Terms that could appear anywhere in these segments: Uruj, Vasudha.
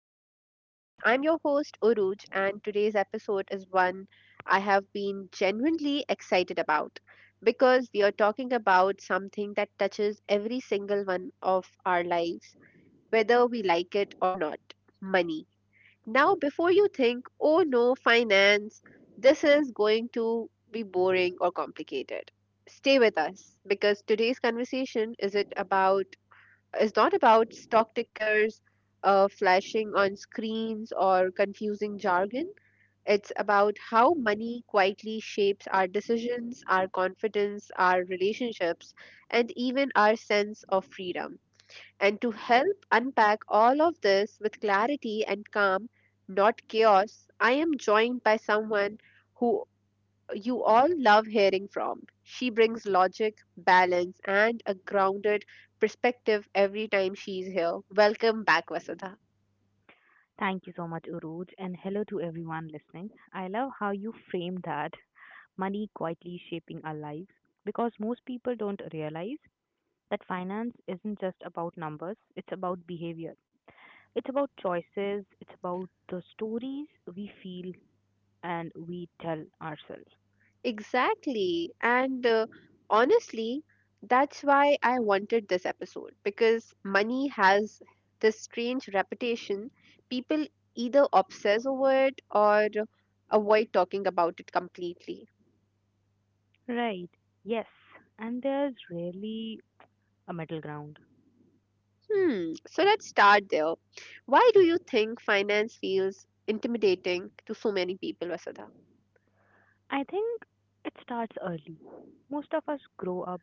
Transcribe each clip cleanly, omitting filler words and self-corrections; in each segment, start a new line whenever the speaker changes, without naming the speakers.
to the podcast. I'm your host, Uruj, and today's episode is one I have been genuinely excited about because we are talking about something that touches every single one of our lives, whether we like it or not, money. Now, before you think, oh no, finance, this is going to be boring or complicated, stay with us because today's conversation is not about stock tickers flashing on screens or confusing jargon. It's about how money quietly shapes our decisions, our confidence, our relationships, and even our sense of freedom. And to help unpack all of this with clarity and calm, not chaos, I am joined by someone who you all love hearing from. She brings logic, balance, and a grounded perspective every time she's here. Welcome back, Vasudha.
Thank you so much, Urooj, and hello to everyone listening. I love how you framed that, money quietly shaping our lives, because most people don't realize that finance isn't just about numbers, it's about behavior. It's about choices, it's about the stories we feel and we tell ourselves.
Exactly. And Honestly, that's why I wanted this episode because money has this strange reputation. People either obsess over it or avoid talking about it completely.
Right, yes, and there's rarely a middle ground.
Hmm, so let's start there. Why do you think finance feels intimidating to so many people, Vasudha?
I think it starts early. Most of us grow up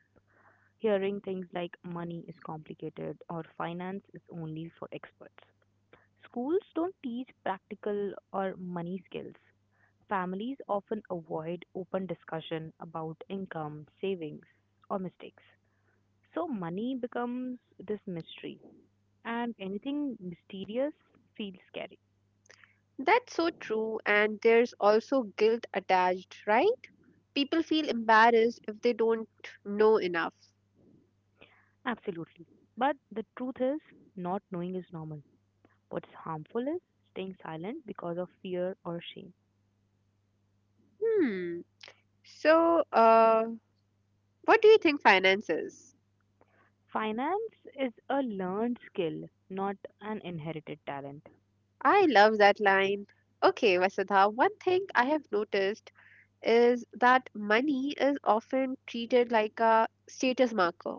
hearing things like money is complicated or finance is only for experts. Schools don't teach practical or money skills. Families often avoid open discussion about income, savings, or mistakes. So money becomes this mystery, and anything mysterious feels scary.
That's so true, and there's also guilt attached, right? People feel embarrassed if they don't know enough.
Absolutely. But the truth is, not knowing is normal. What's harmful is staying silent because of fear or shame.
Hmm, so uh, what do you think finance is?
Finance is a learned skill, not an inherited talent.
I love that line. Okay, Vasudha, one thing I have noticed is that money is often treated like a status marker: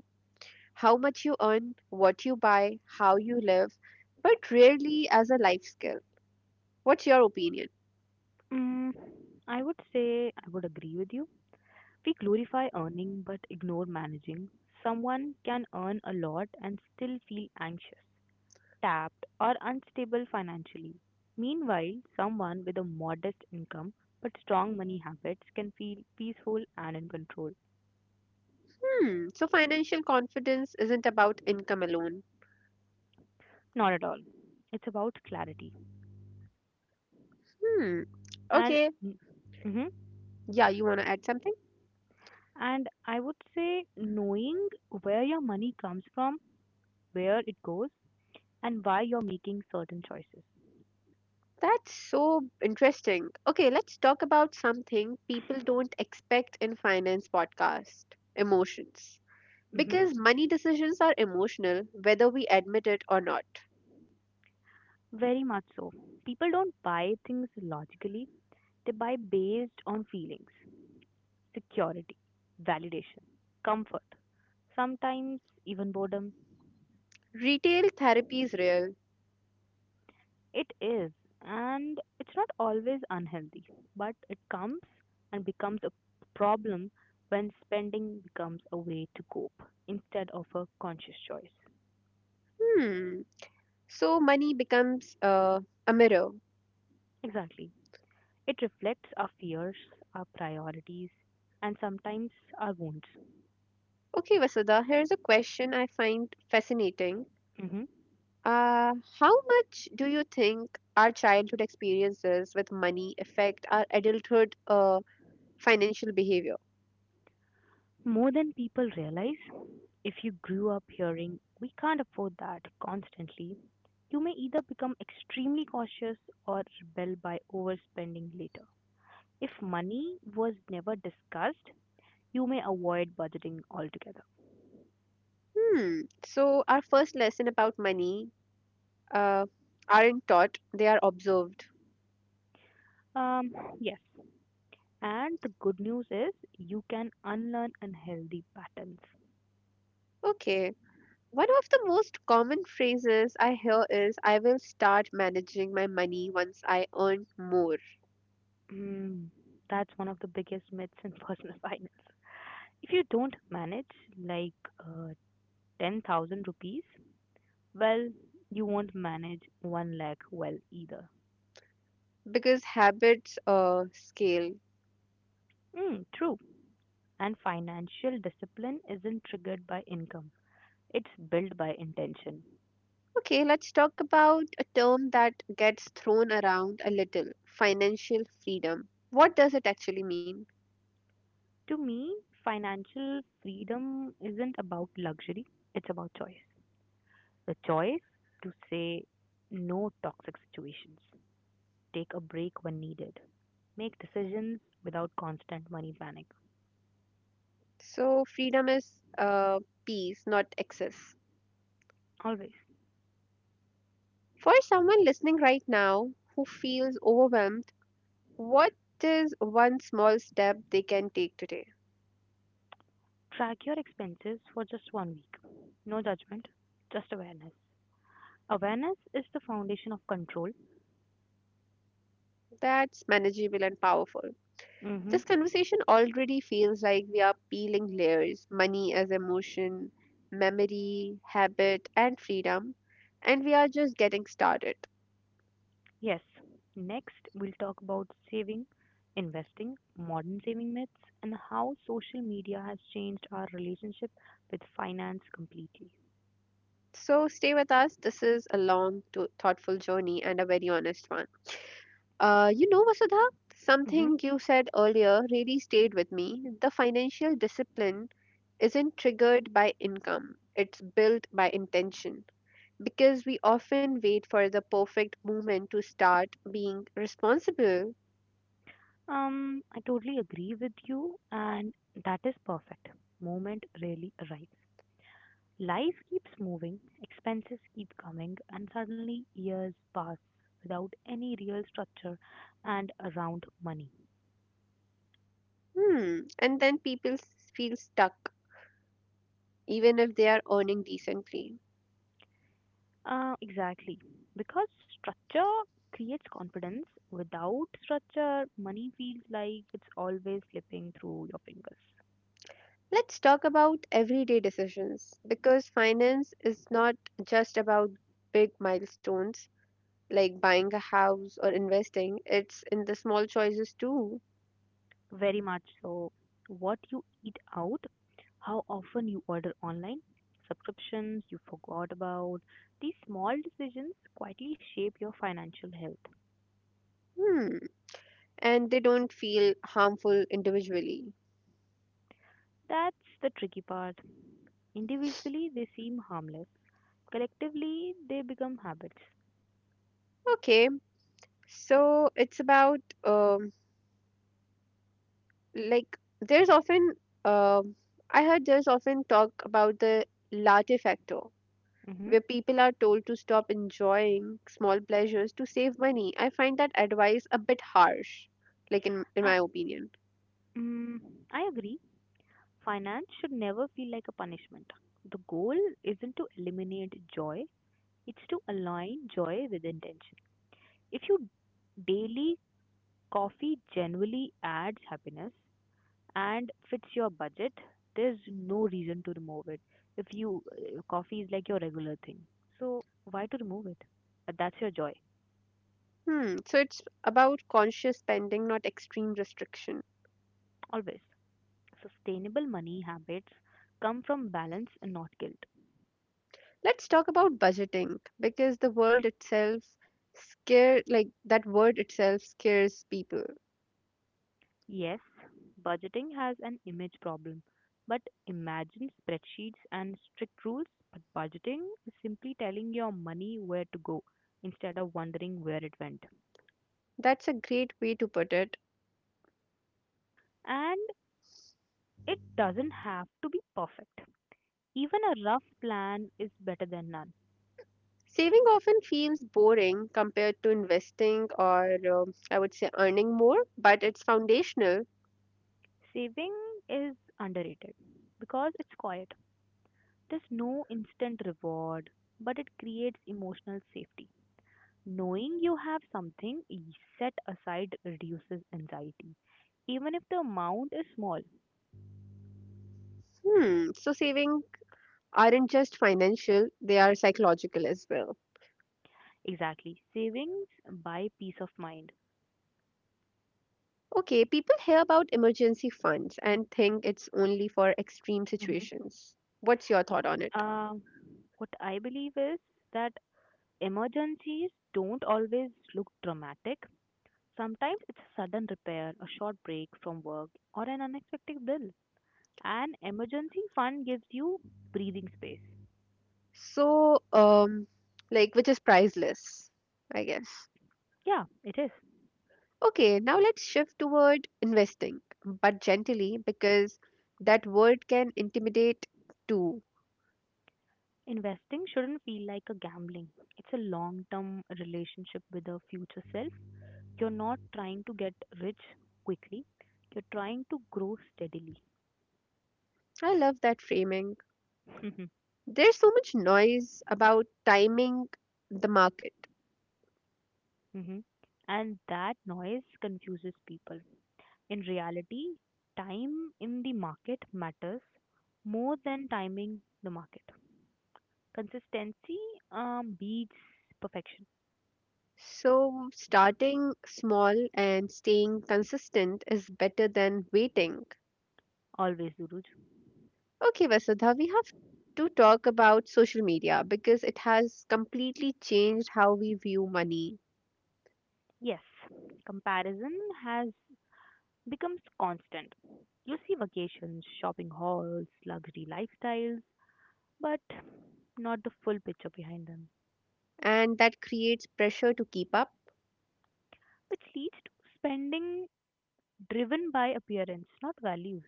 how much you earn, what you buy, how you live, but rarely as a life skill. What's your opinion?
Mm, I would agree with you. We glorify earning but ignore managing. Someone can earn a lot and still feel anxious, tapped, or unstable financially. Meanwhile, someone with a modest income but strong money habits can feel peaceful and in control.
Hmm, so financial confidence isn't about income alone.
Not at all. It's about clarity.
Hmm,
And.
okay.
Mhm.
Yeah, you want to add something?
And I would say knowing where your money comes from, where it goes, and why you're making certain choices.
That's so interesting. Okay, let's talk about something people don't expect in finance podcast: emotions.
Hmm.
Because money decisions are emotional, whether we admit it or not.
Very much so. People don't buy things logically, they buy based on feelings, security, validation, comfort, sometimes even boredom.
Retail therapy is real.
It is, and it's not always unhealthy, but it comes and becomes a problem when spending becomes a way to cope instead of a conscious choice.
Hmm. So money becomes a mirror.
Exactly. It reflects our fears, our priorities, and sometimes our wounds.
Okay, Vasudha, here's a question I find fascinating.
Hmm.
Uh, how much do you think our childhood experiences with money affect our adulthood financial behavior?
More than people realize. If you grew up hearing, "We can't afford that" constantly, you may either become extremely cautious or rebel by overspending later. If money was never discussed, you may avoid budgeting altogether.
Hmm. So our first lesson about money uh, aren't taught; they are observed.
Um, yes. And the good news is you can unlearn unhealthy patterns.
Okay. One of the most common phrases I hear is I will start managing my money once I earn more.
Mm, that's one of the biggest myths in personal finance. If you don't manage like uh, 10,000 rupees well, you won't manage 1 lakh well either.
Because habits scale.
Mm, true. And financial discipline isn't triggered by income, it's built by intention.
Okay, let's talk about a term that gets thrown around a little: financial freedom. What does it actually mean?
To me, financial freedom isn't about luxury, it's about choice. The choice to say no toxic situations, take a break when needed, make decisions without constant money panic.
So, freedom is uh, peace, not excess.
Always
For someone listening right now who feels overwhelmed, what is one small step they can take today
track your expenses for just 1 week. No judgment, just awareness. Awareness is the foundation of control.
that's manageable and powerful?
Mm-hmm.
This conversation already feels like we are peeling layers: money as emotion, memory, habit, and freedom, and we are just getting started.
Yes. Next, we'll talk about saving, investing, modern saving myths, and how social media has changed our relationship with finance completely.
So stay with us. This is a thoughtful journey and a very honest one. You know, Vasudha,
Mm-hmm.
something you said earlier really stayed with me. The financial discipline isn't triggered by income, it's built by intention, because we often wait for the perfect moment to start being responsible.
I totally agree with you, and that is perfect. Moment really arrives. Life keeps moving, expenses keep coming, and suddenly years pass without any real structure and around money.
Hmm. And then people feel stuck, even if they are earning decently.
Exactly. Because structure creates confidence. Without structure, money feels like it's always slipping through your fingers.
Let's talk about everyday decisions because finance is not just about big milestones like buying a house or investing, it's in the small choices too.
Very much so. What you eat out, how often you order online, subscriptions you forgot about, these small decisions quietly shape your financial health.
Hmm. And they don't feel harmful individually.
That's the tricky part. Individually, they seem harmless. Collectively, they become habits.
Okay, so it's about like there's often um I heard there's often talk about the latte factor,
Mm-hmm.
where people are told to stop enjoying small pleasures to save money. I find that advice a bit harsh, like in
Uh,
my opinion.
mm, I agree. Finance should never feel like a punishment. The goal isn't to eliminate joy, it's to align joy with intention. If you daily coffee generally adds happiness and fits your budget, there's no reason to remove it. If you coffee is like your regular thing, so why to remove it? That's your joy.
Hmm, so it's about conscious spending, not extreme restriction.
Always. Sustainable money habits come from balance and not guilt.
Let's talk about budgeting because the world itself scare like that word itself scares people.
Yes, budgeting has an image problem, but imagine spreadsheets and strict rules. But budgeting is simply telling your money where to go instead of wondering where it went.
That's a great way to put it.
And it doesn't have to be perfect. Even a rough plan is better than none.
Saving often feels boring compared to investing or I would say, earning more, but it's foundational.
Saving is underrated because it's quiet. There's no instant reward, but it creates emotional safety. Knowing you have something e, set aside reduces anxiety, even if the amount is small.
Hmm, so saving aren't just financial, they are psychological as well.
Exactly. Savings buy peace of mind.
Okay, people hear about emergency funds and think it's only for extreme
Hmm.
situations. What's your thought on it?
Uh, what I believe is that emergencies don't always look dramatic. Sometimes it's a sudden repair, a short break from work, or an unexpected bill. An emergency fund gives you breathing space.
So, like, which is priceless, I guess.
Yeah, it is.
Okay, now let's shift toward investing, but gently because that word can intimidate too.
Investing shouldn't feel like a gambling. It's a long term relationship with a future self. You're not trying to get rich quickly, you're trying to grow steadily.
I love that framing. There's so much noise about timing the market.
Hmm. And that noise confuses people. In reality, time in the market matters more than timing the market. Consistency beats perfection.
So, starting small and staying consistent is better than waiting.
Always, Duruj.
Okay, Vasudha, we have to talk about social media because it has completely changed how we view money.
Yes, comparison has becomes constant. You see vacations, shopping halls, luxury lifestyles, but not the full picture behind them,
And that creates pressure to keep up.
which leads to spending driven by appearance, not values.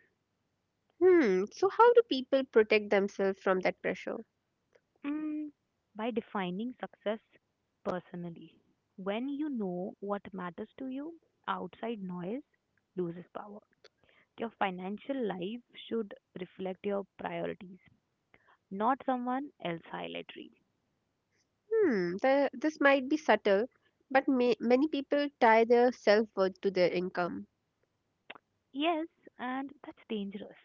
Hmm, so how do people protect themselves from that pressure?
Mm, by defining success personally. When you know what matters to you, outside noise loses power. Your financial life should reflect your priorities, not someone else's highlight reel.
Hmm, this might be subtle, but many people tie their self-worth to their income.
Yes, and that's dangerous.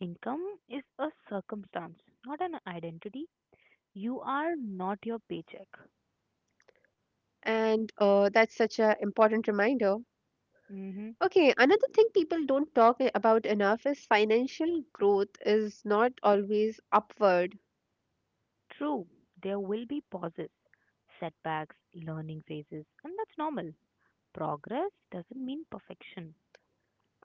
Income is a circumstance, not an identity. You are not your paycheck.
And That's such an important reminder.
Hmm.
Okay, another thing people don't talk about enough is financial growth is not always upward.
True, there will be pauses, setbacks, learning phases, and that's normal. Progress doesn't mean perfection.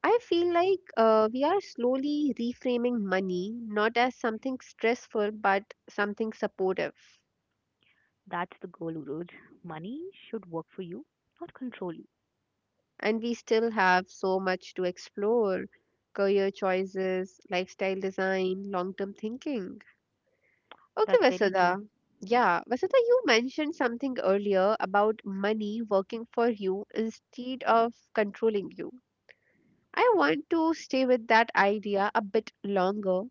I feel like we are slowly reframing money not as something stressful but something supportive.
That's the goal, Uroj. Money should work for you, not control you.
And we still have so much to explore: career choices, lifestyle design, long term thinking. Okay,
That's very true.
Vasudha. Yeah, Vasudha, you mentioned something earlier about money working for you instead of controlling you. I want to stay with that idea a bit longer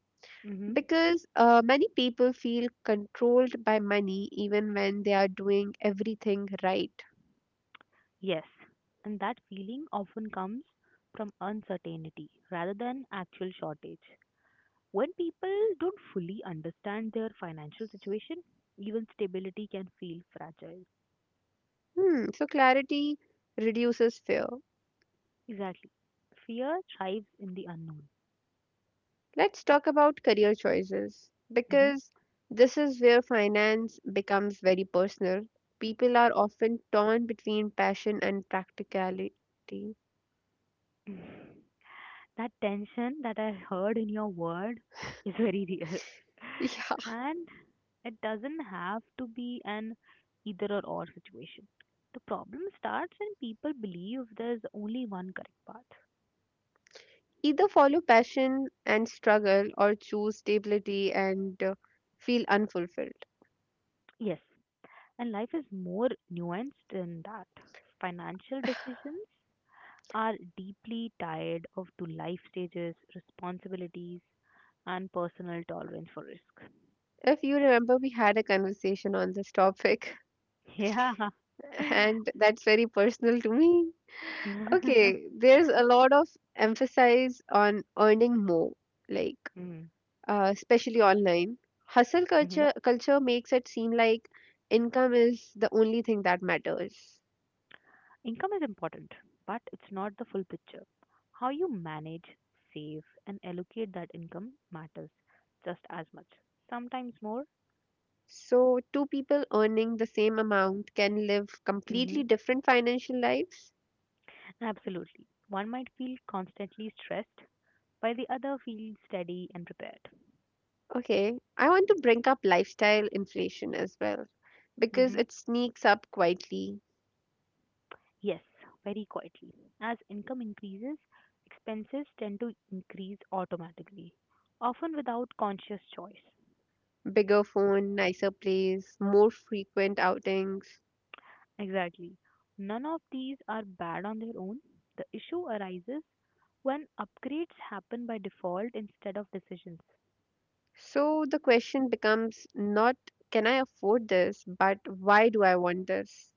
Hmm.
because many people feel controlled by money even when they are doing everything right.
Yes, and that feeling often comes from uncertainty rather than actual shortage. When people don't fully understand their financial situation, even stability can feel fragile.
Hmm, so clarity reduces fear.
Exactly. Fear thrives in the unknown.
Let's talk about career choices
Hmm.
because this is where finance becomes very personal. People are often torn between passion and practicality.
That tension that I heard in your word is very real.
Yeah.
And it doesn't have to be an either or situation. The problem starts when people believe there's only one correct path.
Either follow passion and struggle or choose stability and feel unfulfilled.
Yes, and life is more nuanced than that. Financial decisions are deeply tied of to life stages, responsibilities, and personal tolerance for risk.
If you remember, we had a conversation on this topic,
Yeah.
and that's very personal to me. Okay, there's a lot of emphasis on earning more. Like,
Mm-hmm.
especially online. Hustle culture makes it seem like income is the only thing that matters.
Income is important, but it's not the full picture. How you manage, save, and allocate that income matters just as much, sometimes more.
So two people earning the same amount can live
Hmm.
completely different financial lives.
Absolutely. One might feel constantly stressed, while the other feels steady and prepared.
Okay, I want to bring up lifestyle inflation as well because it sneaks up quietly.
Yes, very quietly. As income increases, expenses tend to increase automatically, often without conscious choice.
Bigger phone, nicer place, more frequent outings.
Exactly. None of these are bad on their own. The issue arises when upgrades happen by default instead of decisions.
So the question becomes not can I afford this, but why do I want this?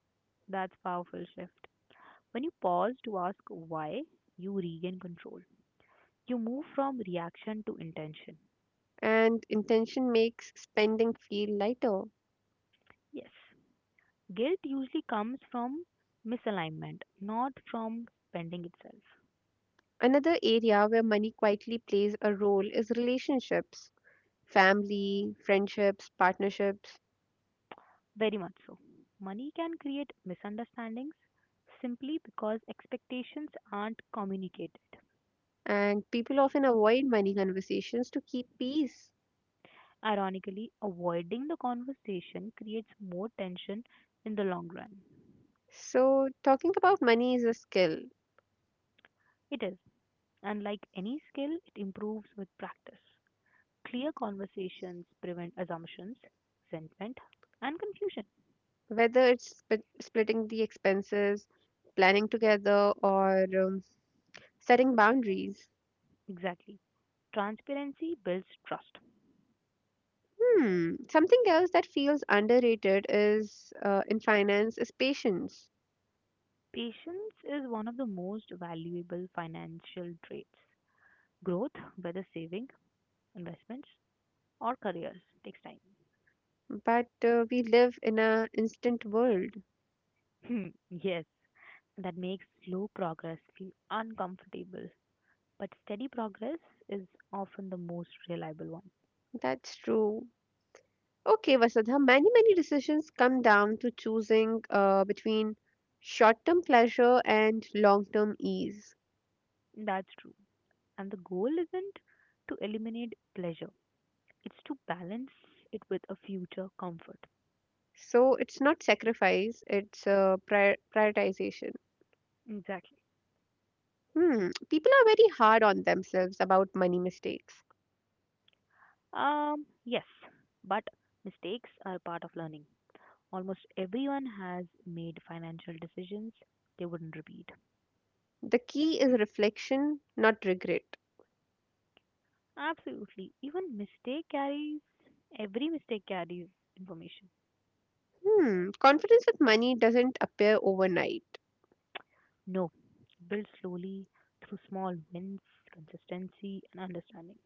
That's powerful shift. When you pause to ask why, you regain control. You move from reaction to intention.
And intention makes spending feel lighter.
Yes. Guilt usually comes from misalignment, not from spending itself.
Another area where money quietly plays a role is relationships, family, friendships, partnerships,
Very much so. Money can create misunderstandings simply because expectations aren't communicated.
and people often avoid money conversations to keep peace.
Ironically, avoiding the conversation creates more tension in the long run.
So, talking about money is a skill,
It is, and like any skill, it improves with practice. Clear conversations prevent assumptions, resentment, and confusion.
whether it's splitting the expenses, planning together, or setting boundaries.
Exactly. Transparency builds trust.
Hmm. Something else that feels underrated is in finance is patience.
Patience is one of the most valuable financial traits. Growth, whether saving, investments, or careers takes time.
But we live in a instant world.
Hmm, yes. That makes slow progress feel uncomfortable, but steady progress is often the most reliable one.
That's true. Okay, Vasudha, many decisions come down to choosing between short-term pleasure and long-term ease.
That's true. And the goal isn't to eliminate pleasure, it's to balance it with a future comfort.
So it's not sacrifice, it's prioritization.
Exactly.
Hmm. People are very hard on themselves about money mistakes.
Yes, but mistakes are part of learning. Almost everyone has made financial decisions they wouldn't repeat.
The key is reflection, not regret.
Absolutely. Every mistake carries information.
Hmm. Confidence with money doesn't appear overnight.
No, build slowly through small wins, consistency, and understanding.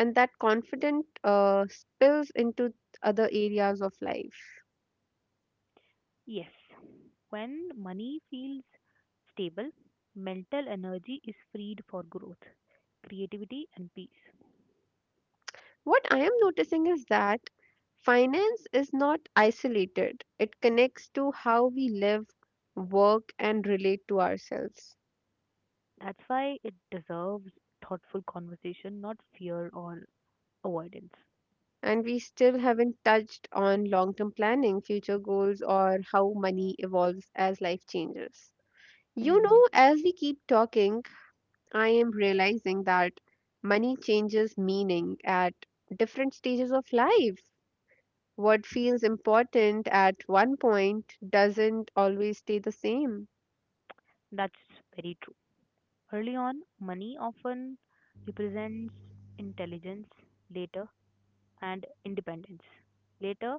And that confident spills into other areas of life.
Yes, when money feels stable, mental energy is freed for growth, creativity, and peace.
What I am noticing is that finance is not isolated, it connects to how we live, work, and relate to ourselves.
That's why it deserves thoughtful conversation, not fear or avoidance.
And we still haven't touched on long term planning, future goals, or how money evolves as life changes. You
Hmm.
know, as we keep talking, I am realizing that money changes meaning at different stages of life. What feels important at one point doesn't always stay the same.
That's very. Early on, money often represents intelligence, later, and independence. Later,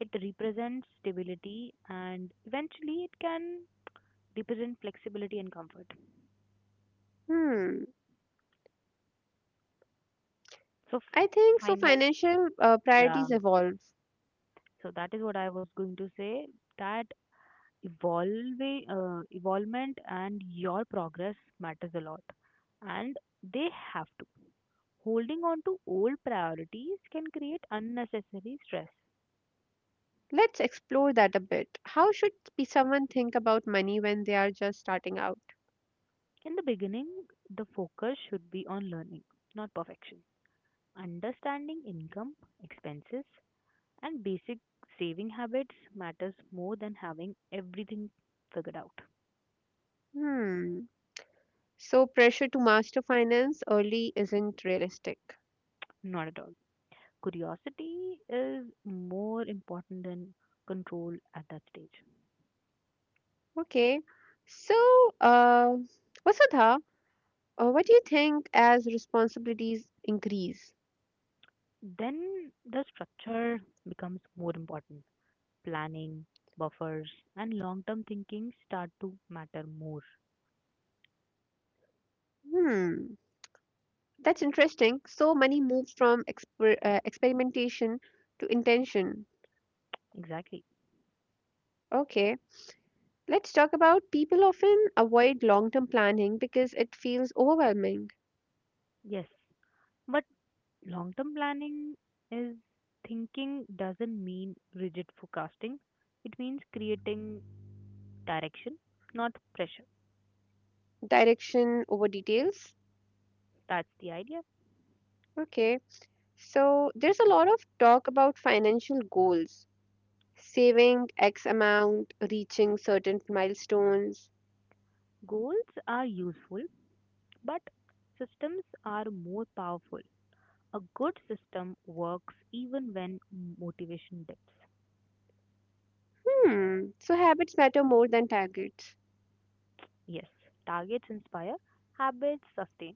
it represents stability, and eventually, it can represent flexibility and comfort.
Hmm,
So,
I think so.
finance,
Financial
yeah.
priorities evolve.
So that is what I was going to say. That evolving, evolvement, and your progress matters a lot, and they have to. Holding on to old priorities can create unnecessary stress.
Let's explore that a bit. How should be someone think about money when they are just starting out?
In the beginning, the focus should be on learning, not perfection. Understanding income, expenses, and basic saving habits matters more than having everything figured out.
Hmm, so pressure to master finance early isn't realistic.
Not at all. Curiosity is more important than control at that stage.
Okay, so uh, Vasudha, what do you think as responsibilities increase?
Then the structure becomes more important. Planning, buffers, and long term thinking start to matter more.
Hmm. That's interesting. So money moved from experimentation to intention.
Exactly.
Okay, let's talk about people often avoid long term planning because it feels overwhelming.
Yes. But long term planning is thinking doesn't mean rigid forecasting. It means creating direction, not pressure.
Direction over details.
That's the idea.
Okay, so there's a lot of talk about financial goals, saving X amount, reaching certain milestones.
Goals are useful, but systems are more powerful. A good system works even when motivation dips.
Hmm, so habits matter more than targets.
Yes, targets inspire, habits sustain.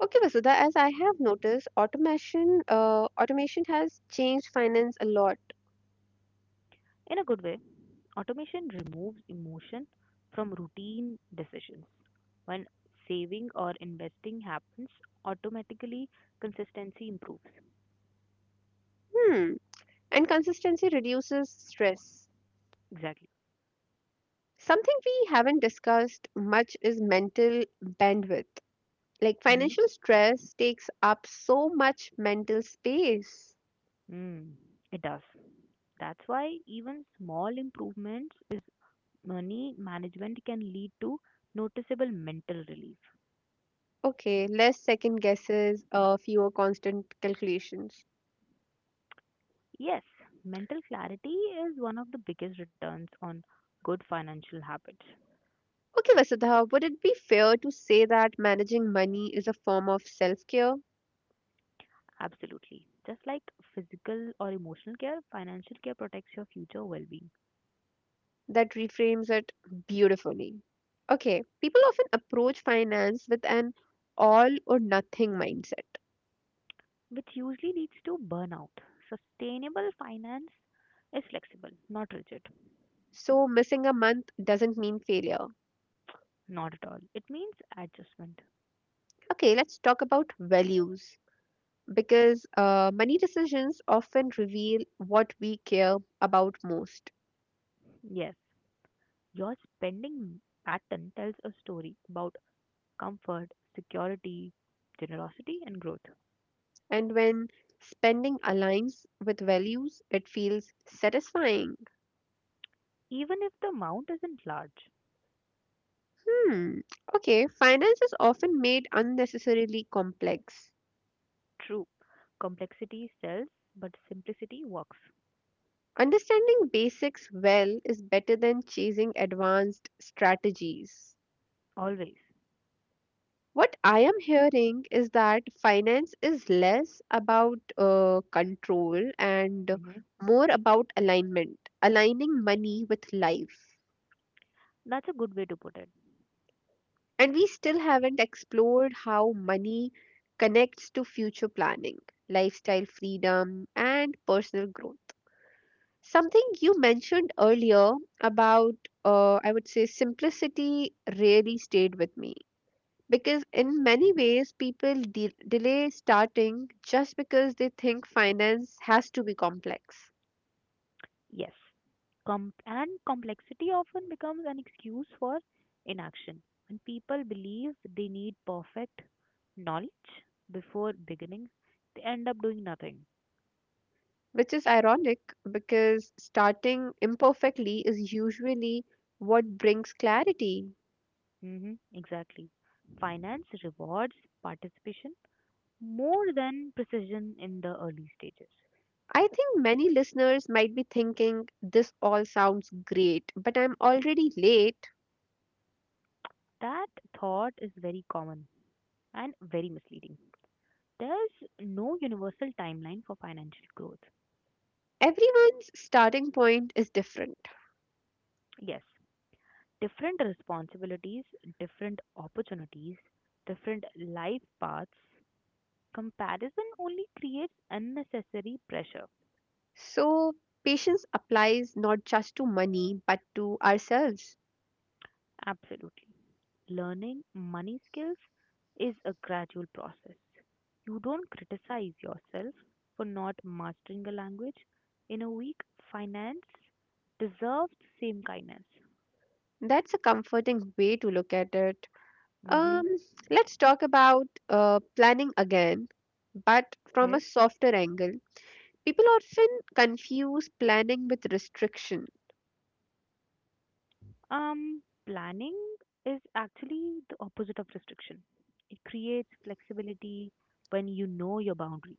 Okay, Vasudha, as I have noticed, automation has changed finance a lot.
In a good way, automation removes emotion from routine decisions. When saving or investing happens, automatically consistency improves.
Hmm. And consistency reduces stress.
Exactly.
Something we haven't discussed much is mental bandwidth. Like
Mm-hmm.
financial stress takes up so much mental space.
Mm, it does. That's why even small improvements is money management can lead to noticeable mental relief.
Okay, less second guesses, fewer constant calculations.
Yes, mental clarity is one of the biggest returns on good financial habits.
Okay, Vasudha, would it be fair to say that managing money is a form of self care?
Absolutely. Just like physical or emotional care, financial care protects your future well being.
That reframes it beautifully. Okay, people often approach finance with an all or nothing mindset.
Which usually leads to burnout. Sustainable finance is flexible, not rigid,
So, missing a month doesn't mean failure.
not at all. It means adjustment.
Okay, let's talk about values because money decisions often reveal what we care about most.
Yes, your spending pattern tells a story about comfort, security, generosity, and growth,
And when spending aligns with values, it feels satisfying.
even if the amount isn't large.
Hmm, okay, finance is often made unnecessarily complex.
True, complexity sells, but simplicity works
Understanding basics well is better than chasing advanced strategies.
always.
What I am hearing is that finance is less about control and
Hmm.
more about alignment, aligning money with life.
That's a good way to put it.
And we still haven't explored how money connects to future planning, lifestyle freedom, and personal growth. Something you mentioned earlier about I would say, simplicity really stayed with me. Because in many ways, people delay starting just because they think finance has to be complex,
Yes. And complexity often becomes an excuse for inaction. When people believe they need perfect knowledge before beginning, they end up doing nothing.
which is ironic because starting imperfectly is usually what brings clarity.
Hmm. Exactly. Finance rewards participation more than precision in the early stages.
I think many listeners might be thinking, this all sounds great, but I'm already late.
That thought is very common and very misleading. There's no universal timeline for financial growth.
Everyone's starting point is different.
Yes, different responsibilities, different opportunities, different life paths, comparison only creates unnecessary pressure.
So, patience applies not just to money but to ourselves.
Absolutely. Learning money skills is a gradual process. You don't criticize yourself for not mastering a language. In a week, finance deserves the same kindness.
That's a comforting way to look at it.
Mm-hmm.
Um, let's talk about planning again, but from a
Okay?
softer angle. People often confuse planning with restriction.
Planning is actually the opposite of restriction. It creates flexibility when you know your boundaries.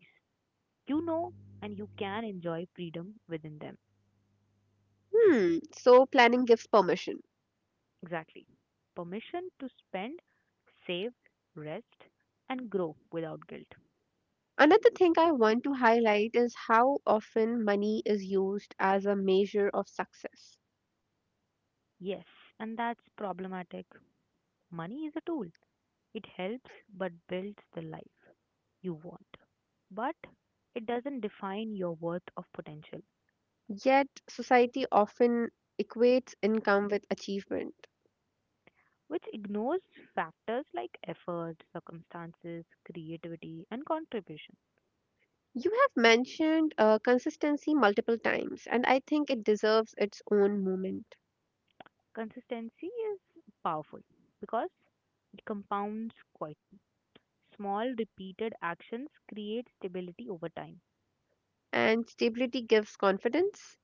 You know and you can enjoy freedom within them.
Hmm, so planning gives permission.
Exactly. Permission to spend, save, rest, and grow without guilt.
Another thing I want to highlight is how often money is used as a measure of success.
Yes, and that's problematic. Money is a tool, it helps but builds the life you want. But it doesn't define your worth of potential.
Yet, society often equates income with achievement.
Which ignores factors like effort, circumstances, creativity, and contribution.
You have mentioned consistency multiple times, and I think it deserves its own moment.
Consistency is powerful because it compounds quietly. Small, repeated actions create stability over time.
And stability gives confidence.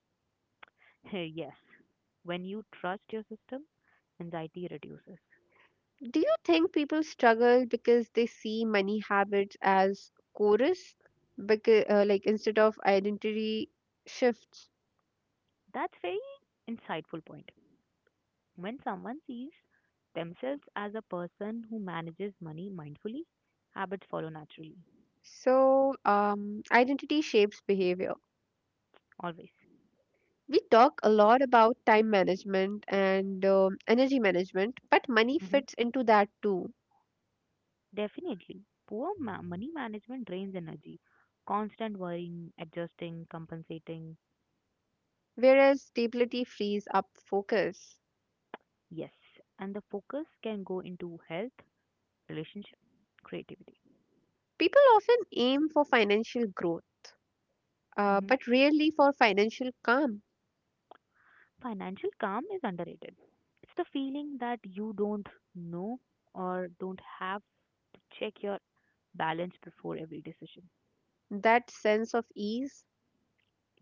Yes, when you trust your system, anxiety reduces.
Do you think people struggle because they see money habits as chorus, because, like instead of identity shift.
That's very insightful point. When someone sees themselves as a person who manages money mindfully, habits follow naturally,
So, identity shapes behavior.
always.
We talk a lot about time management and energy management, but money
Mm-hmm.
fits into that too,
Definitely. Poor money management drains energy. Constant worrying, adjusting, compensating.
whereas stability frees up focus.
Yes. And the focus can go into health, relationship, creativity.
People often aim for financial growth,
Hmm.
but rarely for financial calm,
Financial calm is underrated. It's the feeling that you don't know or don't have to check your balance before every decision.
that sense of ease.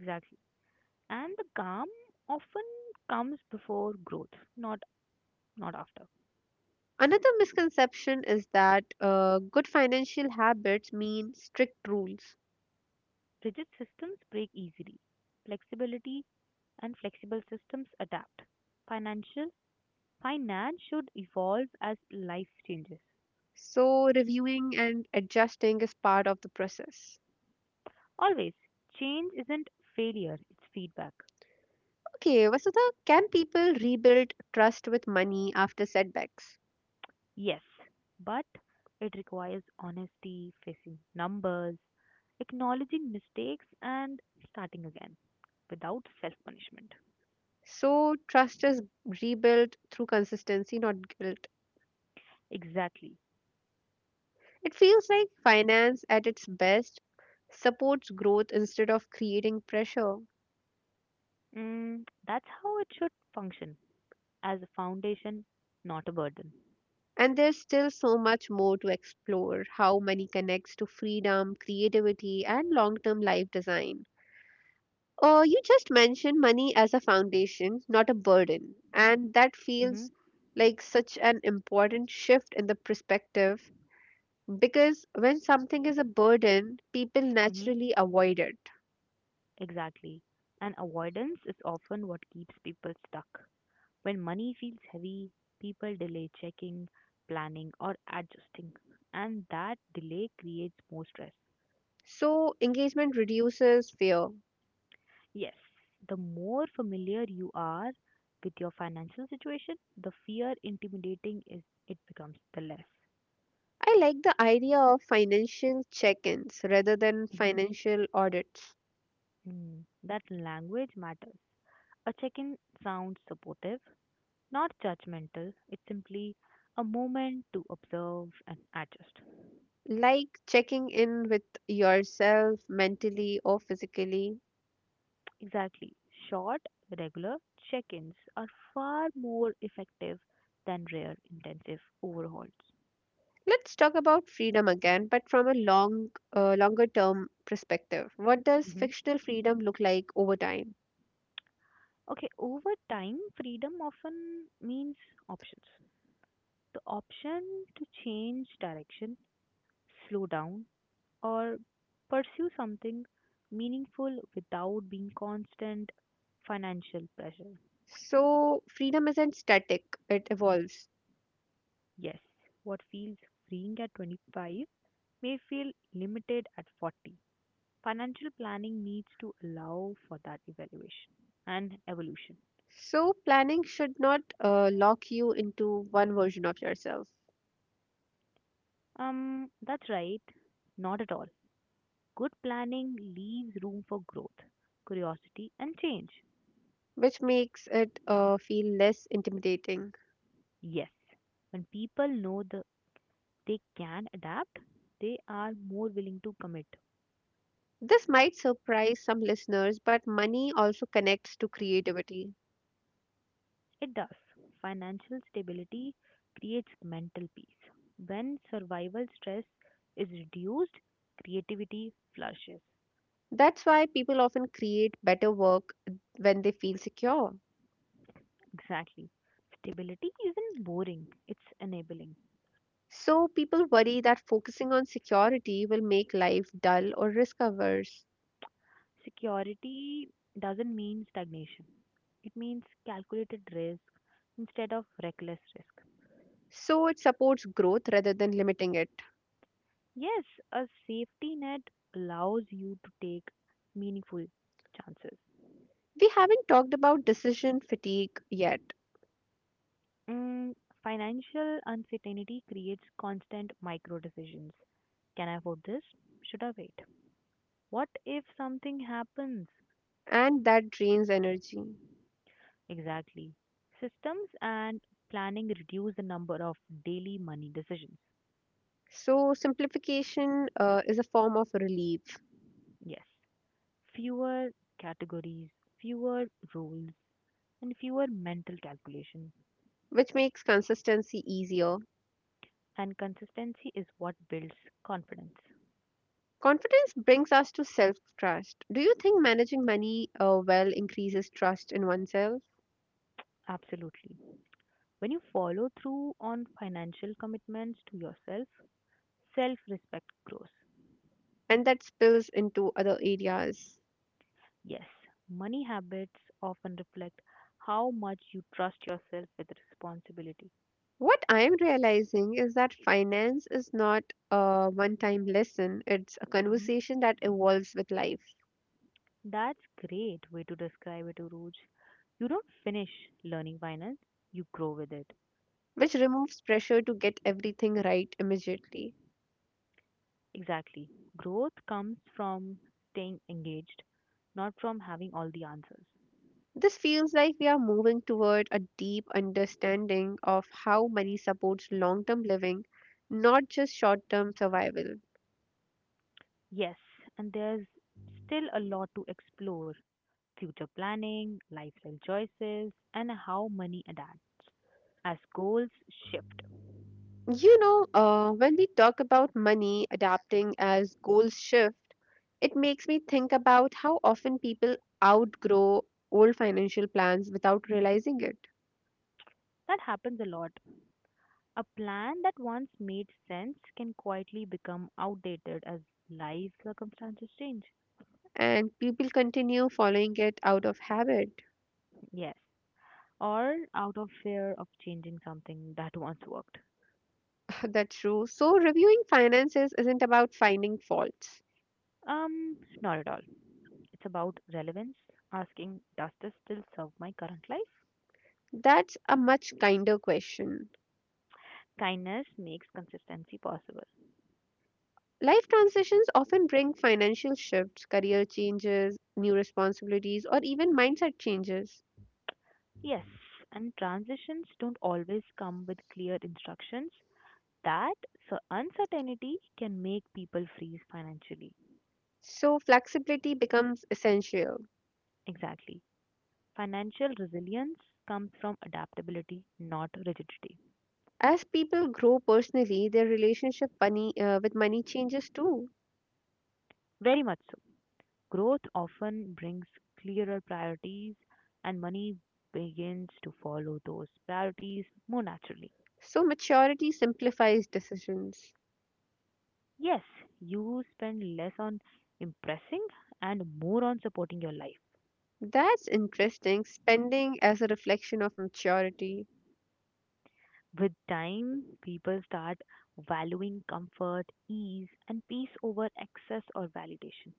Exactly. And the calm often comes before growth, not after.
Another misconception is that good financial habits mean strict rules.
Rigid systems break easily. Flexibility and flexible systems adapt. Financial Finance should evolve as life changes.
So, reviewing and adjusting is part of the process.
Always, change isn't failure, it's feedback.
Okay, Vasudha, can people rebuild trust with money after setbacks?
Yes, but it requires honesty, facing numbers, acknowledging mistakes and starting again without self-punishment.
So, trust is rebuilt through consistency, not guilt.
Exactly.
It feels like finance at its best supports growth instead of creating pressure.
Mm, that's how it should function as a foundation, not a burden.
And there's still so much more to explore how money connects to freedom, creativity, and long term life design. You just mentioned money as a foundation, not a burden. And that
Mm-hmm.
feels like such an important shift in the perspective because when something is a burden, people
Mm-hmm.
naturally avoid it.
Exactly. And avoidance is often what keeps people stuck. When money feels heavy, people delay checking, planning, or adjusting, and that delay creates more stress.
So engagement reduces fear.
Yes, the more familiar you are with your financial situation, the fear intimidating is it becomes the less.
I like the idea of financial check ins rather than
Hmm.
financial audits,
That language matters. A check-in sounds supportive, not judgmental. It's simply a moment to observe and adjust.
like checking in with yourself mentally or physically.
Exactly. Short, regular check ins are far more effective than rare, intensive overhauls.
Let's talk about freedom again, but from a longer term perspective. What does
Hmm.
fictional freedom look like over time?
Okay, over time, freedom often means options. The option to change direction, slow down, or pursue something meaningful without being constant financial pressure.
So, freedom isn't static, it evolves.
Yes, what feels freeing at 25 may feel limited at 40. Financial planning needs to allow for that evaluation and evolution.
So, planning should not lock you into one version of yourself,
That's right, not at all. Good planning leaves room for growth, curiosity, and change.
which makes it feel less intimidating.
Yes, when people know the, they can adapt, they are more willing to commit.
This might surprise some listeners, but money also connects to creativity.
It does. Financial stability creates mental peace. When survival stress is reduced, creativity flourishes.
That's why people often create better work when they feel secure.
Exactly. Stability isn't boring, it's enabling.
So, people worry that focusing on security will make life dull or risk averse.
Security doesn't mean stagnation, it means calculated risk instead of reckless risk.
So, it supports growth rather than limiting it.
Yes, a safety net allows you to take meaningful chances.
We haven't talked about decision fatigue yet,
Mm, Financial uncertainty creates constant micro decisions. Can I afford this? Should I wait? What if something happens?
and that drains energy.
Exactly. Systems and planning reduce the number of daily money decisions.
So, simplification is a form of relief,
Yes. Fewer categories, fewer rules, and fewer mental calculation.
which makes consistency easier.
And consistency is what builds confidence.
Confidence brings us to self trust. Do you think managing money well increases trust in oneself?
Absolutely. When you follow through on financial commitments to yourself, self respect grows.
And that spills into other areas.
Yes, money habits often reflect how much you trust yourself with responsibility.
What I am realizing is that finance is not a one time lesson, it's a
Mhm.
conversation that evolves with life,
That's great way to describe it, Uruj. You don't finish learning finance, you grow with it.
which removes pressure to get everything right immediately.
Exactly. Growth comes from staying engaged, not from having all the answers.
This feels like we are moving toward a deep understanding of how money supports long term living, not just short term survival.
Yes, and there's still a lot to explore future planning, lifestyle choices, and how money adapts as goals shift.
You know, when we talk about money adapting as goals shift, it makes me think about how often people outgrow old financial plans without realizing it,
That happens a lot. A plan that once made sense can quietly become outdated as life circumstances change.
and people continue following it out of habit.
Yes, or out of fear of changing something that once worked.
That's true. So, reviewing finances isn't about finding faults.
Not at all. It's about relevance, asking, does this still serve my current life?
That's a much kinder question.
Kindness makes consistency possible.
Life transitions often bring financial shifts, career changes, new responsibilities, or even mindset changes.
Yes, and transitions don't always come with clear instructions. That so uncertainty can make people freeze financially.
So, flexibility becomes essential.
Exactly. Financial resilience comes from adaptability, not rigidity.
As people grow personally, their with money changes too.
Very much so. Growth often brings clearer priorities, and money begins to follow those priorities more naturally.
So, maturity simplifies decisions.
Yes, you spend less on impressing and more on supporting your life.
That's interesting, spending as a reflection of maturity.
With time, people start valuing comfort, ease, and peace over excess or validation.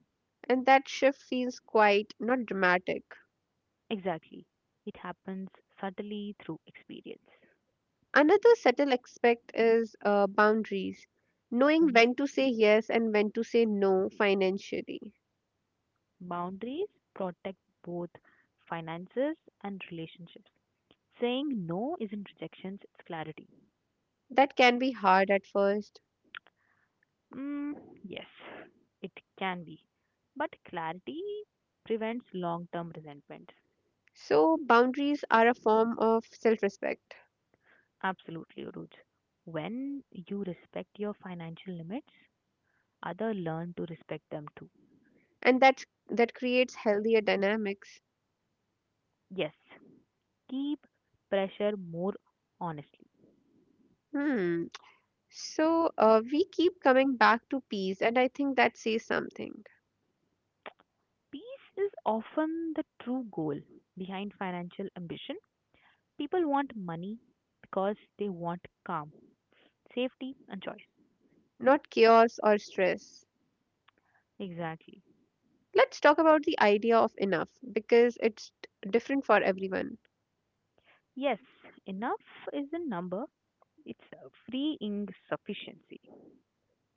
And that shift feels quite not dramatic.
Exactly. It happens subtly through experience.
Another subtle aspect is boundaries, knowing
Mhm.
when to say yes and when to say no financially.
Boundaries protect both finances and relationships. Saying no isn't rejection, it's clarity.
That can be hard at first.
Mm, yes, it can be. But clarity prevents long term resentment.
So, boundaries are a form of self respect.
Absolutely, Uruj. When you respect your financial limits, others learn to respect them too.
And that creates healthier dynamics.
Yes, keep pressure more honestly.
Hmm. So we keep coming back to peace, and I think that says something.
Peace is often the true goal behind financial ambition. People want money because they want calm, safety, and choice.
Not chaos or stress.
Exactly.
Let's talk about the idea of enough, because it's different for everyone.
Yes, enough is a number. It's a free insufficiency.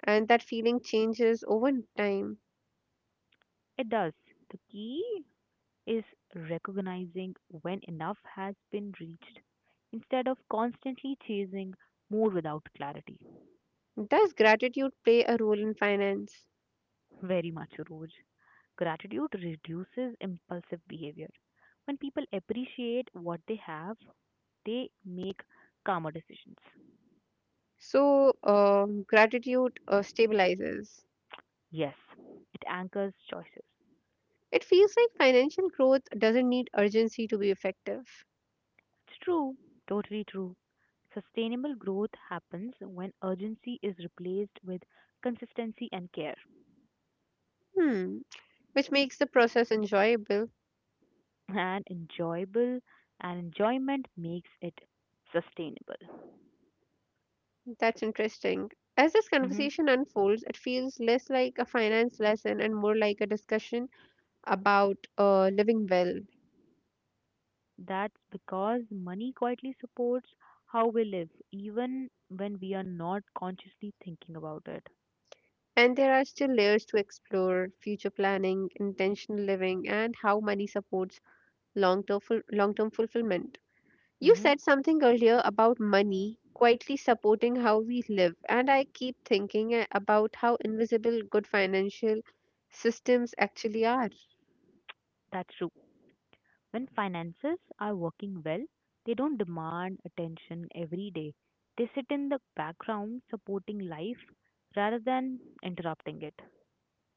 And that feeling changes over time.
It does. The key is recognizing when enough has been reached instead of constantly chasing more without clarity.
Does gratitude play a role in finance?
Very much, Roj. Gratitude reduces impulsive behavior. When people appreciate what they have, they make calmer decisions.
So, gratitude stabilizes.
Yes, it anchors choices.
It feels like financial growth doesn't need urgency to be effective.
It's true, totally true. Sustainable growth happens when urgency is replaced with consistency and care,
Hmm, which makes the process enjoyable.
and enjoyable and enjoyment makes it sustainable.
That's interesting. As this
Hmm.
conversation unfolds, it feels less like a finance lesson and more like a discussion about living well.
That's because money quietly supports how we live, even when we are not consciously thinking about it.
And there are still layers to explore future planning, intentional living, and how money supports long term long term fulfillment. You
Hmm.
said something earlier about money quietly supporting how we live, and I keep thinking about how invisible good financial systems actually are.
That's true. When finances are working well, they don't demand attention every day. They sit in the background supporting life rather than interrupting it.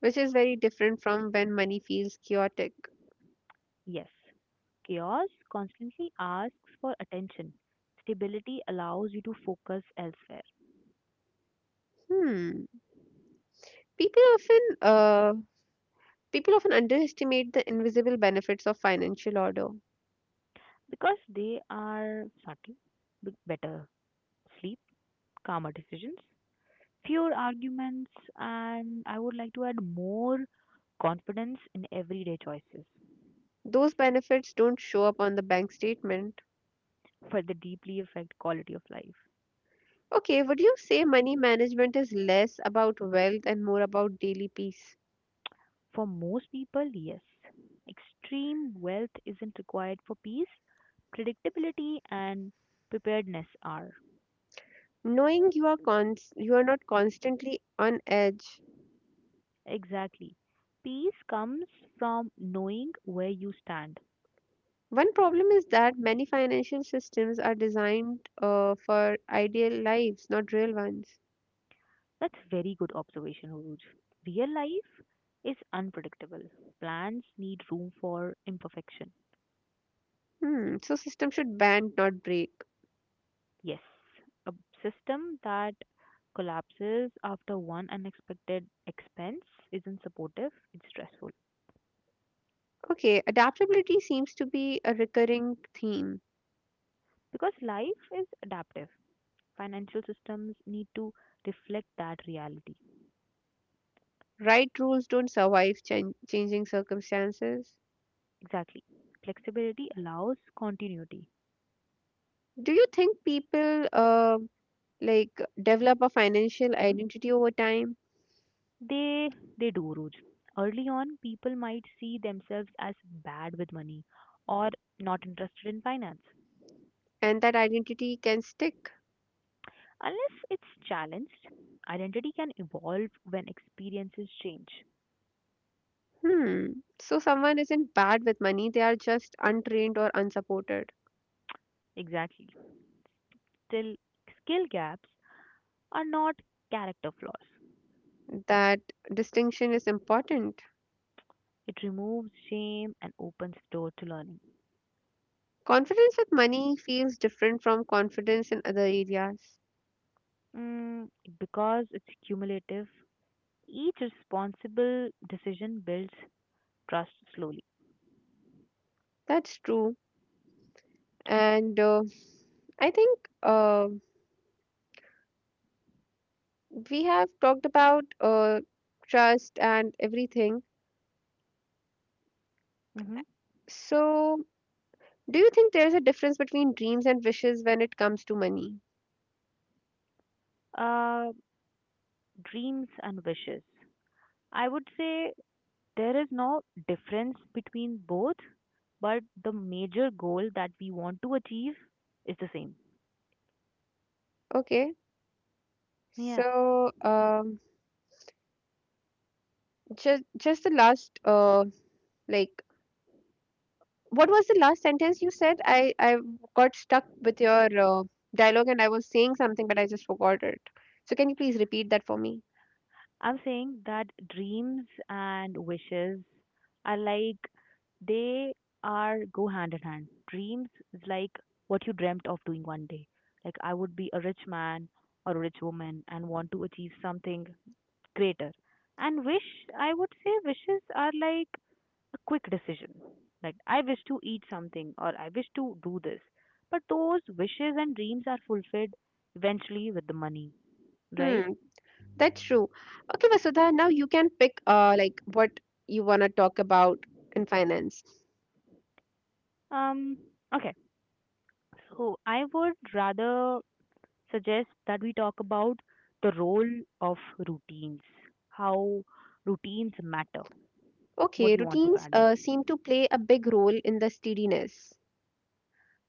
Which is very different from when money feels chaotic.
Yes, chaos constantly asks for attention. Stability allows you to focus elsewhere
Hmm. People often uh, People often underestimate the invisible benefits of financial order.
because they are subtle, with better sleep, calmer decisions, fewer arguments, and I would like to add more confidence in everyday choices.
Those benefits don't show up on the bank statement.
For the deeply affect quality of life?
Okay, would you say money management is less about wealth and more about daily peace?
For most people, yes. Extreme wealth isn't required for peace, predictability and preparedness are.
Knowing you are you are not constantly on edge.
Exactly. Peace comes from knowing where you stand.
One problem is that many financial systems are designed for ideal lives, not real ones.
That's very good observation, Uruj. Real life is unpredictable. Plans need room for imperfection.
Hmm, so system should bend, not break.
Yes, a system that collapses after one unexpected expense isn't supportive, it's stressful.
Okay, adaptability seems to be a recurring theme.
Because life is adaptive, financial systems need to reflect that reality.
Right rules don't survive changing circumstances.
Exactly. Flexibility allows continuity.
Do you think people like develop a financial
Mhm.
identity over time,
They they do, Ruj. Early on, people might see themselves as bad with money or not interested in finance.
and that identity can stick?
Unless it's challenged, identity can evolve when experiences change.
Hmm. So someone isn't bad with money, they are just untrained or unsupported.
Exactly. Still, skill gaps are not character flaws.
That distinction is important.
It removes shame and opens door to learning.
Confidence with money feels different from confidence in other areas.
Mm, because it's cumulative, each responsible decision builds trust slowly.
That's true. And I think we have talked about trust and everything.
Hmm.
So, do you think there's a difference between dreams and wishes when it comes to money?
Uh, Dreams and wishes. I would say there is no difference between both, but the major goal that we want to achieve is the same.
Okay.
Yeah.
So, just the last like, what was the last sentence you said? I got stuck with your dialogue and I was saying something, but I just forgot it. So, can you please repeat that for me?
I'm saying that dreams and wishes are like they are go hand in hand. Dreams is like what you dreamt of doing one day. Like I would be a rich man or a rich woman and want to achieve something greater. And wish, I would say wishes are like a quick decision. Like I wish to eat something or I wish to do this. But those wishes and dreams are fulfilled eventually with the money, right?
Hmm. That's true. Okay, Vasudha, now you can pick like what you want to talk about in finance.
Um okay, so I would rather suggest that we talk about the role of routines, how routines matter. What
Okay,
do you want to
routines
Karan?
seem to play a big role in the steadiness,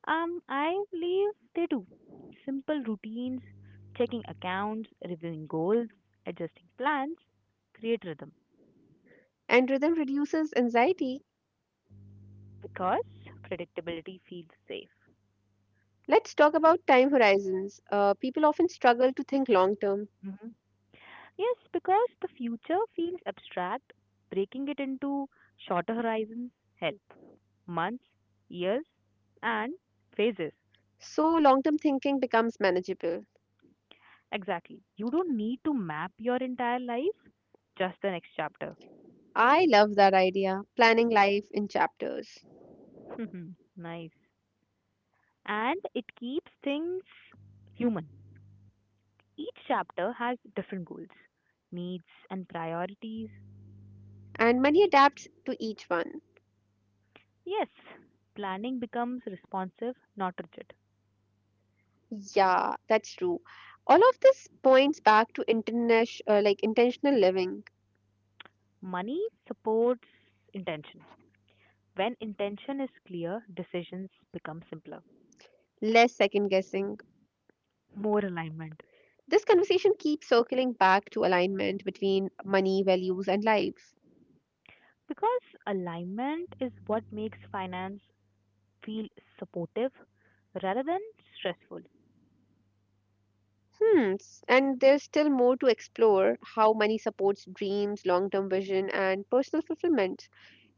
I believe they do. Simple routines, checking accounts, reviewing goals, adjusting plans, create rhythm
and rhythm reduces anxiety.
because predictability feels safe.
Let's talk about time horizons. People often struggle to think long term,
Hmm. Yes, because the future feels abstract, breaking it into shorter horizons help. Months, years, and phases.
so long term thinking becomes manageable.
Exactly. You don't need to map your entire life, just the next chapter.
I love that idea, planning life in chapters.
Nice. And it keeps things human. Each chapter has different goals, needs, and priorities.
And money adapts to each one.
Yes, planning becomes responsive, not rigid.
Yeah, that's true. All of this points back to like intentional living,
Money supports intention. When intention is clear, decisions become simpler.
less second guessing.
More alignment.
This conversation keeps circling back to alignment between money, values, and life.
Because alignment is what makes finance feel supportive rather than stressful.
Hmm. And there's still more to explore how money supports dreams, long term vision, and personal fulfillment.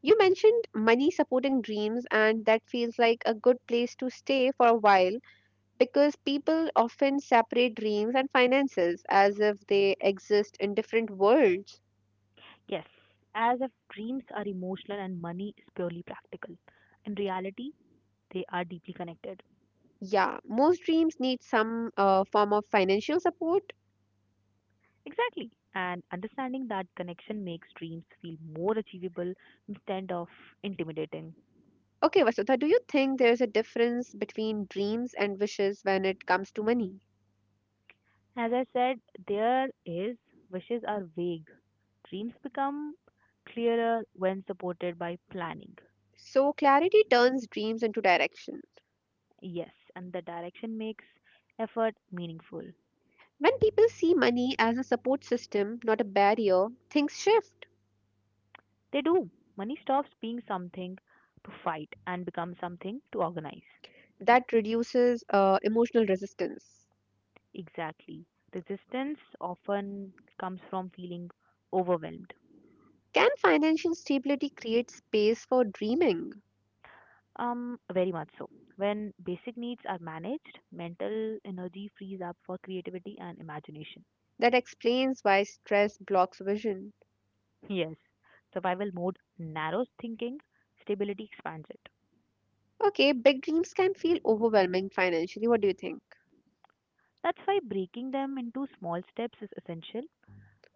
You mentioned money supporting dreams, and that feels like a good place to stay for a while because people often separate dreams and finances as if they exist in different worlds.
Yes, as if dreams are emotional and money is purely practical. In reality, they are deeply connected.
Yeah, most dreams need some form of financial support.
Exactly. And understanding that connection makes dreams feel more achievable instead of intimidating.
Okay, Vasudha, do you think there's a difference between dreams and wishes when it comes to money?
As I said, there is, wishes are vague. Dreams become clearer when supported by planning.
So, clarity turns dreams into direction.
Yes, and the direction makes effort meaningful.
When people see money as a support system, not a barrier, things shift.
They do. Money stops being something to fight and becomes something to organize.
That reduces emotional resistance.
Exactly. Resistance often comes from feeling overwhelmed.
Can financial stability create space for dreaming?
Very much so. When basic needs are managed, mental energy frees up for creativity and imagination.
That explains why stress blocks vision.
Yes, survival mode narrows thinking, stability expands it.
Okay, big dreams can feel overwhelming financially. What do you think?
That's why breaking them into small steps is essential.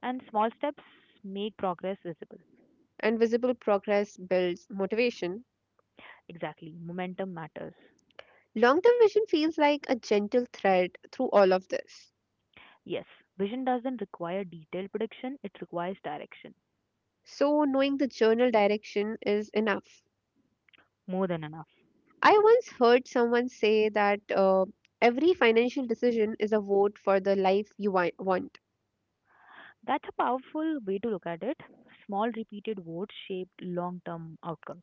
And small steps make progress visible.
And visible progress builds motivation.
Exactly. Momentum matters.
Long term vision feels like a gentle thread through all of this.
Yes, vision doesn't require detailed prediction, it requires direction.
So, knowing the journal direction is enough.
More than enough.
I once heard someone say that every financial decision is a vote for the life you want.
That's a powerful way to look at it. Small repeated votes shape long term outcomes.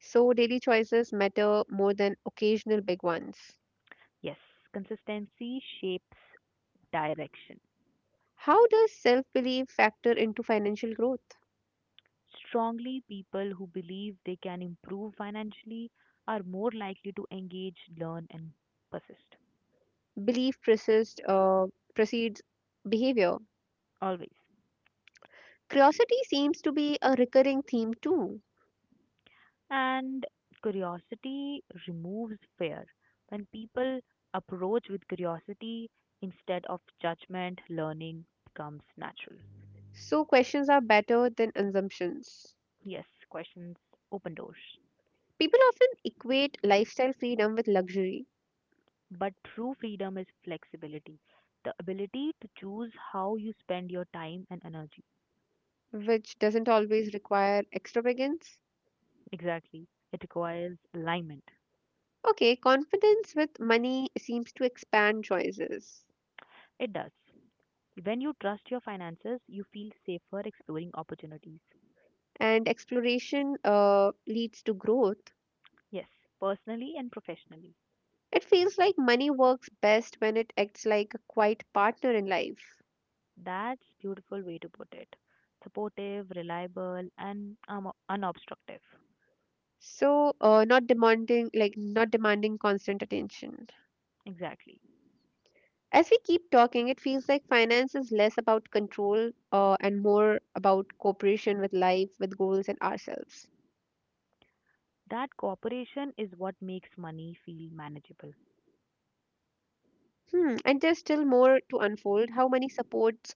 So, daily choices matter more than occasional big ones.
Yes, consistency shapes direction.
How does self belief factor into financial growth?
Strongly, people who believe they can improve financially are more likely to engage, learn, and persist.
Belief precedes behavior.
Always.
Curiosity seems to be a recurring theme too.
And curiosity removes fear. When people approach with curiosity instead of judgment, learning becomes natural.
So, questions are better than assumptions.
Yes, questions open doors.
People often equate lifestyle freedom with luxury,
But true freedom is flexibility, the ability to choose how you spend your time and energy.
which doesn't always require extravagance.
Exactly. It requires alignment.
Okay, confidence with money seems to expand choices,
It does. When you trust your finances, you feel safer exploring opportunities.
and exploration leads to growth.
Yes, personally and professionally.
It feels like money works best when it acts like a quiet partner in life.
That's beautiful way to put it. Supportive, reliable, and unobstructive.
So, not demanding, like, not demanding constant attention.
Exactly.
As we keep talking, it feels like finance is less about control and more about cooperation with life, with goals, and ourselves.
That cooperation is what makes money feel manageable.
Hmm. And there's still more to unfold how money supports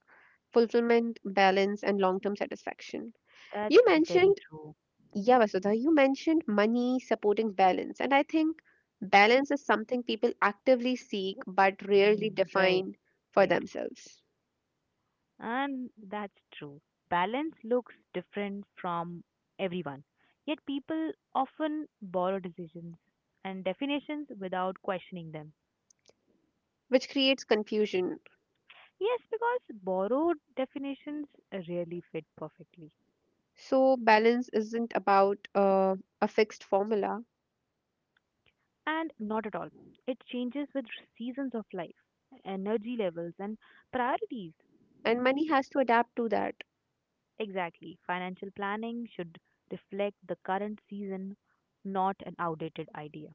fulfillment, balance, and long term satisfaction.
That's
You
very
mentioned,
true.
yeah, Vasudha, you mentioned money supporting balance. And I think balance is something people actively seek but rarely
Mm, right,
define for
right.
themselves,
And that's true. Balance looks different from everyone. Yet people often borrow decisions and definitions without questioning them.
which creates confusion.
Yes, because borrowed definitions rarely fit perfectly.
So, balance isn't about a fixed formula,
And not at all. It changes with seasons of life, energy levels, and priorities.
and money has to adapt to that.
Exactly. Financial planning should reflect the current season, not an outdated idea.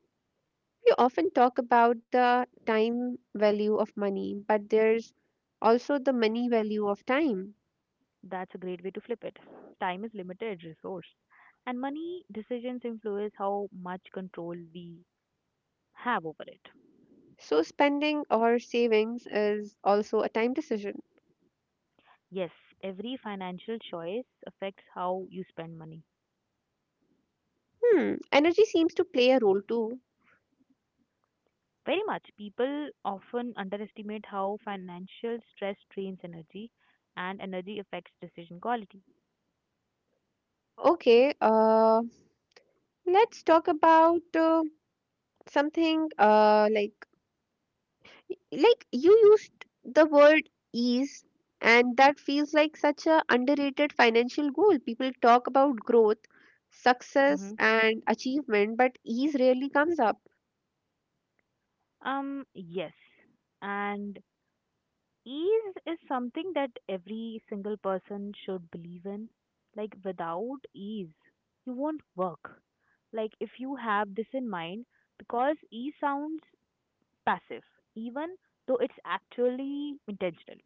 We often talk about the time value of money, but there's also the money value of time.
That's a great way to flip it. Time is limited resource, and money decisions influence how much control we have over it.
So, spending or savings is also a time decision.
Yes, every financial choice affects how you spend money.
Hmm, energy seems to play a role too.
Very much. People often underestimate how financial stress drains energy and energy affects decision quality.
Okay, let's talk about something like you used the word ease, and that feels like such a underrated financial goal. People talk about growth, success
Hmm.
and achievement, but ease rarely comes up.
Yes. And ease is something that every single person should believe in. Like, without ease, you won't work. Like, if you have this in mind, because ease sounds passive, even though it's actually intentional.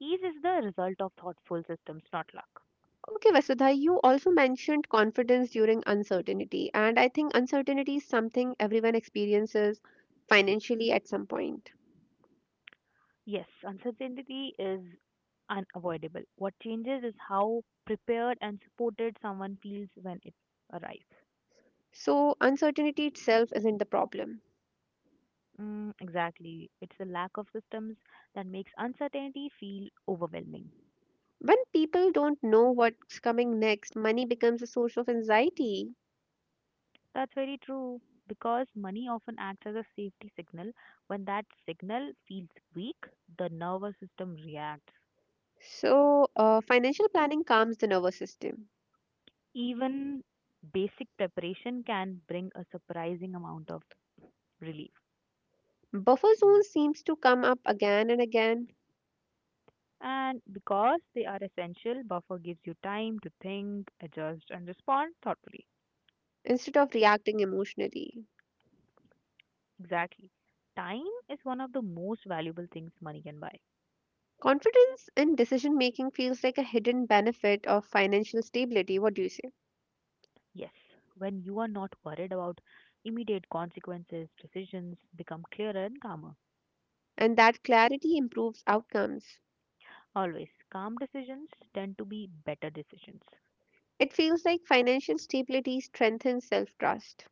Ease is the result of thoughtful systems, not luck.
Okay, Vasudha, you also mentioned confidence during uncertainty, and I think uncertainty is something everyone experiences financially at some point.
Yes, uncertainty is unavoidable. What changes is how prepared and supported someone feels when it arrives.
So uncertainty itself isn't the problem.
Mm, exactly. It's the lack of systems that makes uncertainty feel overwhelming.
When people don't know what's coming next, money becomes a source of anxiety.
That's very true because money often acts as a safety signal. When that signal feels weak, the nervous system reacts.
So, financial planning calms the nervous system.
Even basic preparation can bring a surprising amount of relief.
Buffer zone seems to come up again and again,
And because they are essential, buffer gives you time to think, adjust, and respond thoughtfully.
instead of reacting emotionally.
Exactly. Time is one of the most valuable things money can buy.
Confidence in decision making feels like a hidden benefit of financial stability. What do you say?
Yes, when you are not worried about immediate consequences, decisions become clearer and calmer.
And that clarity improves outcomes.
Always, calm decisions tend to be better decisions.
It feels like financial stability strengthens self trust,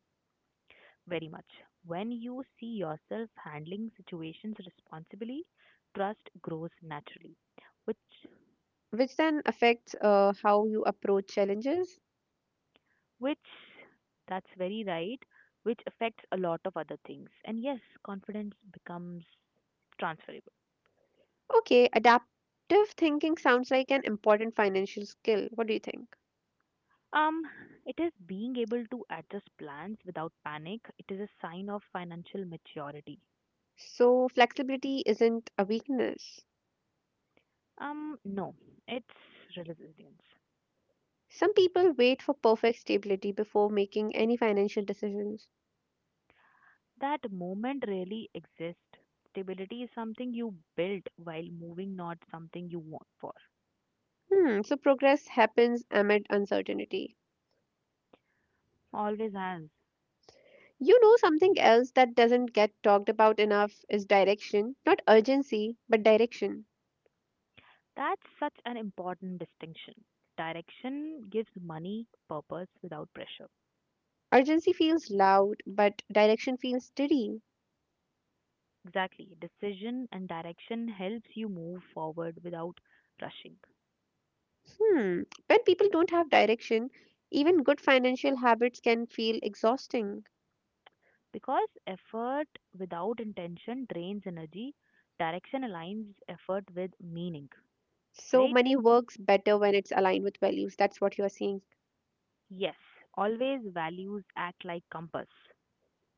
Very much. When you see yourself handling situations responsibly, trust grows naturally, which
which then affects how you approach challenges.
which that's very right, which affects a lot of other things. And yes, confidence becomes transferable.
Okay, adaptive thinking sounds like an important financial skill. What do you think?
um it is being able to adjust plans without panic. It is a sign of financial maturity.
So, flexibility isn't a weakness.
No, it's resilience.
Some people wait for perfect stability before making any financial decisions.
That moment really exists. Stability is something you build while moving, not something you want for.
Hmm, so progress happens amid uncertainty.
Always has.
You know, something else that doesn't get talked about enough is direction. Not urgency, but direction.
That's such an important distinction. Direction gives money purpose without pressure.
Urgency feels loud, but direction feels steady.
Exactly. Decision and direction helps you move forward without rushing.
Hmm, when people don't have direction, even good financial habits can feel exhausting.
Because effort without intention drains energy, direction aligns effort with meaning,
So,
right?
money works better when it's aligned with values. That's what you are saying.
Yes, always values act like compass.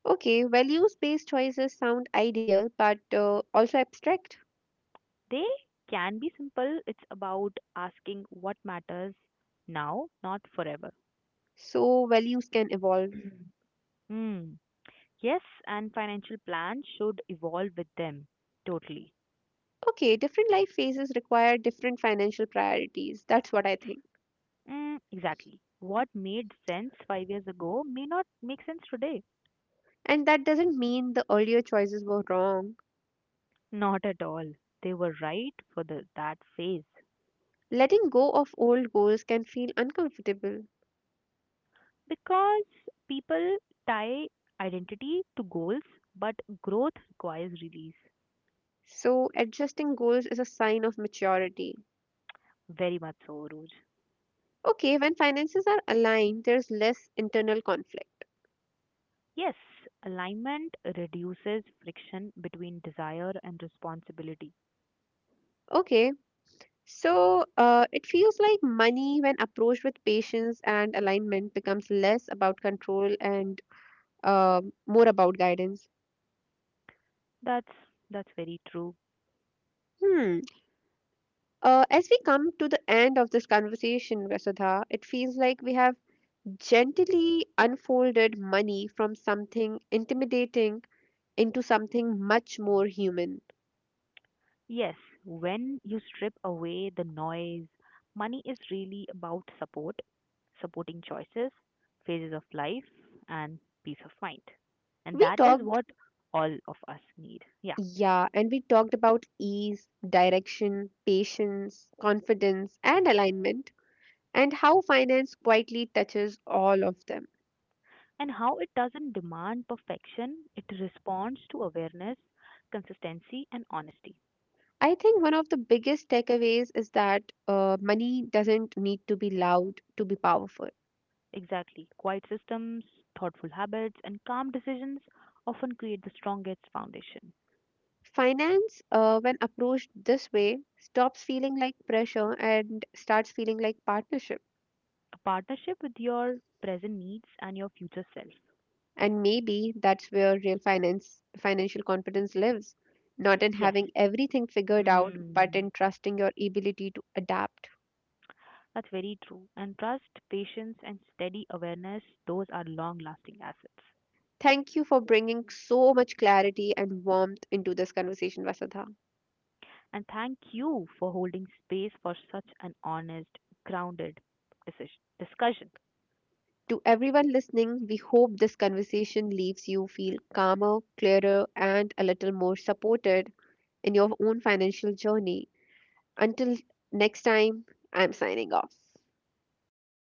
Okay, values based choices sound ideal but also abstract,
They can be simple. It's about asking what matters now, not forever.
so values can evolve.
Hmm. Yes, and financial plans should evolve with them. Totally.
Okay, different life phases require different financial priorities. That's what I think.
Mm, exactly. What made sense 5 years ago may not make sense today.
And that doesn't mean the earlier choices were wrong.
Not at all. They were right for the, that phase.
Letting go of old goals can feel uncomfortable,
Because people tie identity to goals, but growth requires release.
so adjusting goals is a sign of maturity.
Very much so, Roj.
Okay, when finances are aligned, there's less internal conflict.
Yes, alignment reduces friction between desire and responsibility.
Okay, so it feels like money, when approached with patience and alignment, becomes less about control and more about guidance.
That's that's very true.
Hmm. As we come to the end of this conversation, Vasudha, it feels like we have gently unfolded money from something intimidating into something much more human.
Yes, when you strip away the noise, money is really about support, supporting choices, phases of life, and peace of mind. And
We
that is
talked,
what all of us need. Yeah.
yeah, and we talked about ease, direction, patience, confidence, and alignment, and how finance quietly touches all of them.
And how it doesn't demand perfection, it responds to awareness, consistency, and honesty.
I think one of the biggest takeaways is that money doesn't need to be loud to be powerful.
Exactly. Quiet systems, thoughtful habits, and calm decisions often create the strongest foundation.
Finance, when approached this way, stops feeling like pressure and starts feeling like partnership.
A partnership with your present needs and your future self.
And maybe that's where financial confidence lives, not in
Yes.
having everything figured out, but
Mm,
in trusting your ability to adapt.
that's very true. And trust, patience, and steady awareness, those are long lasting assets.
Thank you for bringing so much clarity and warmth into this conversation, Vasudha.
And thank you for holding space for such an honest, grounded decision, discussion.
To everyone listening, we hope this conversation leaves you feel calmer, clearer, and a little more supported in your own financial journey. Until next time, I'm signing off.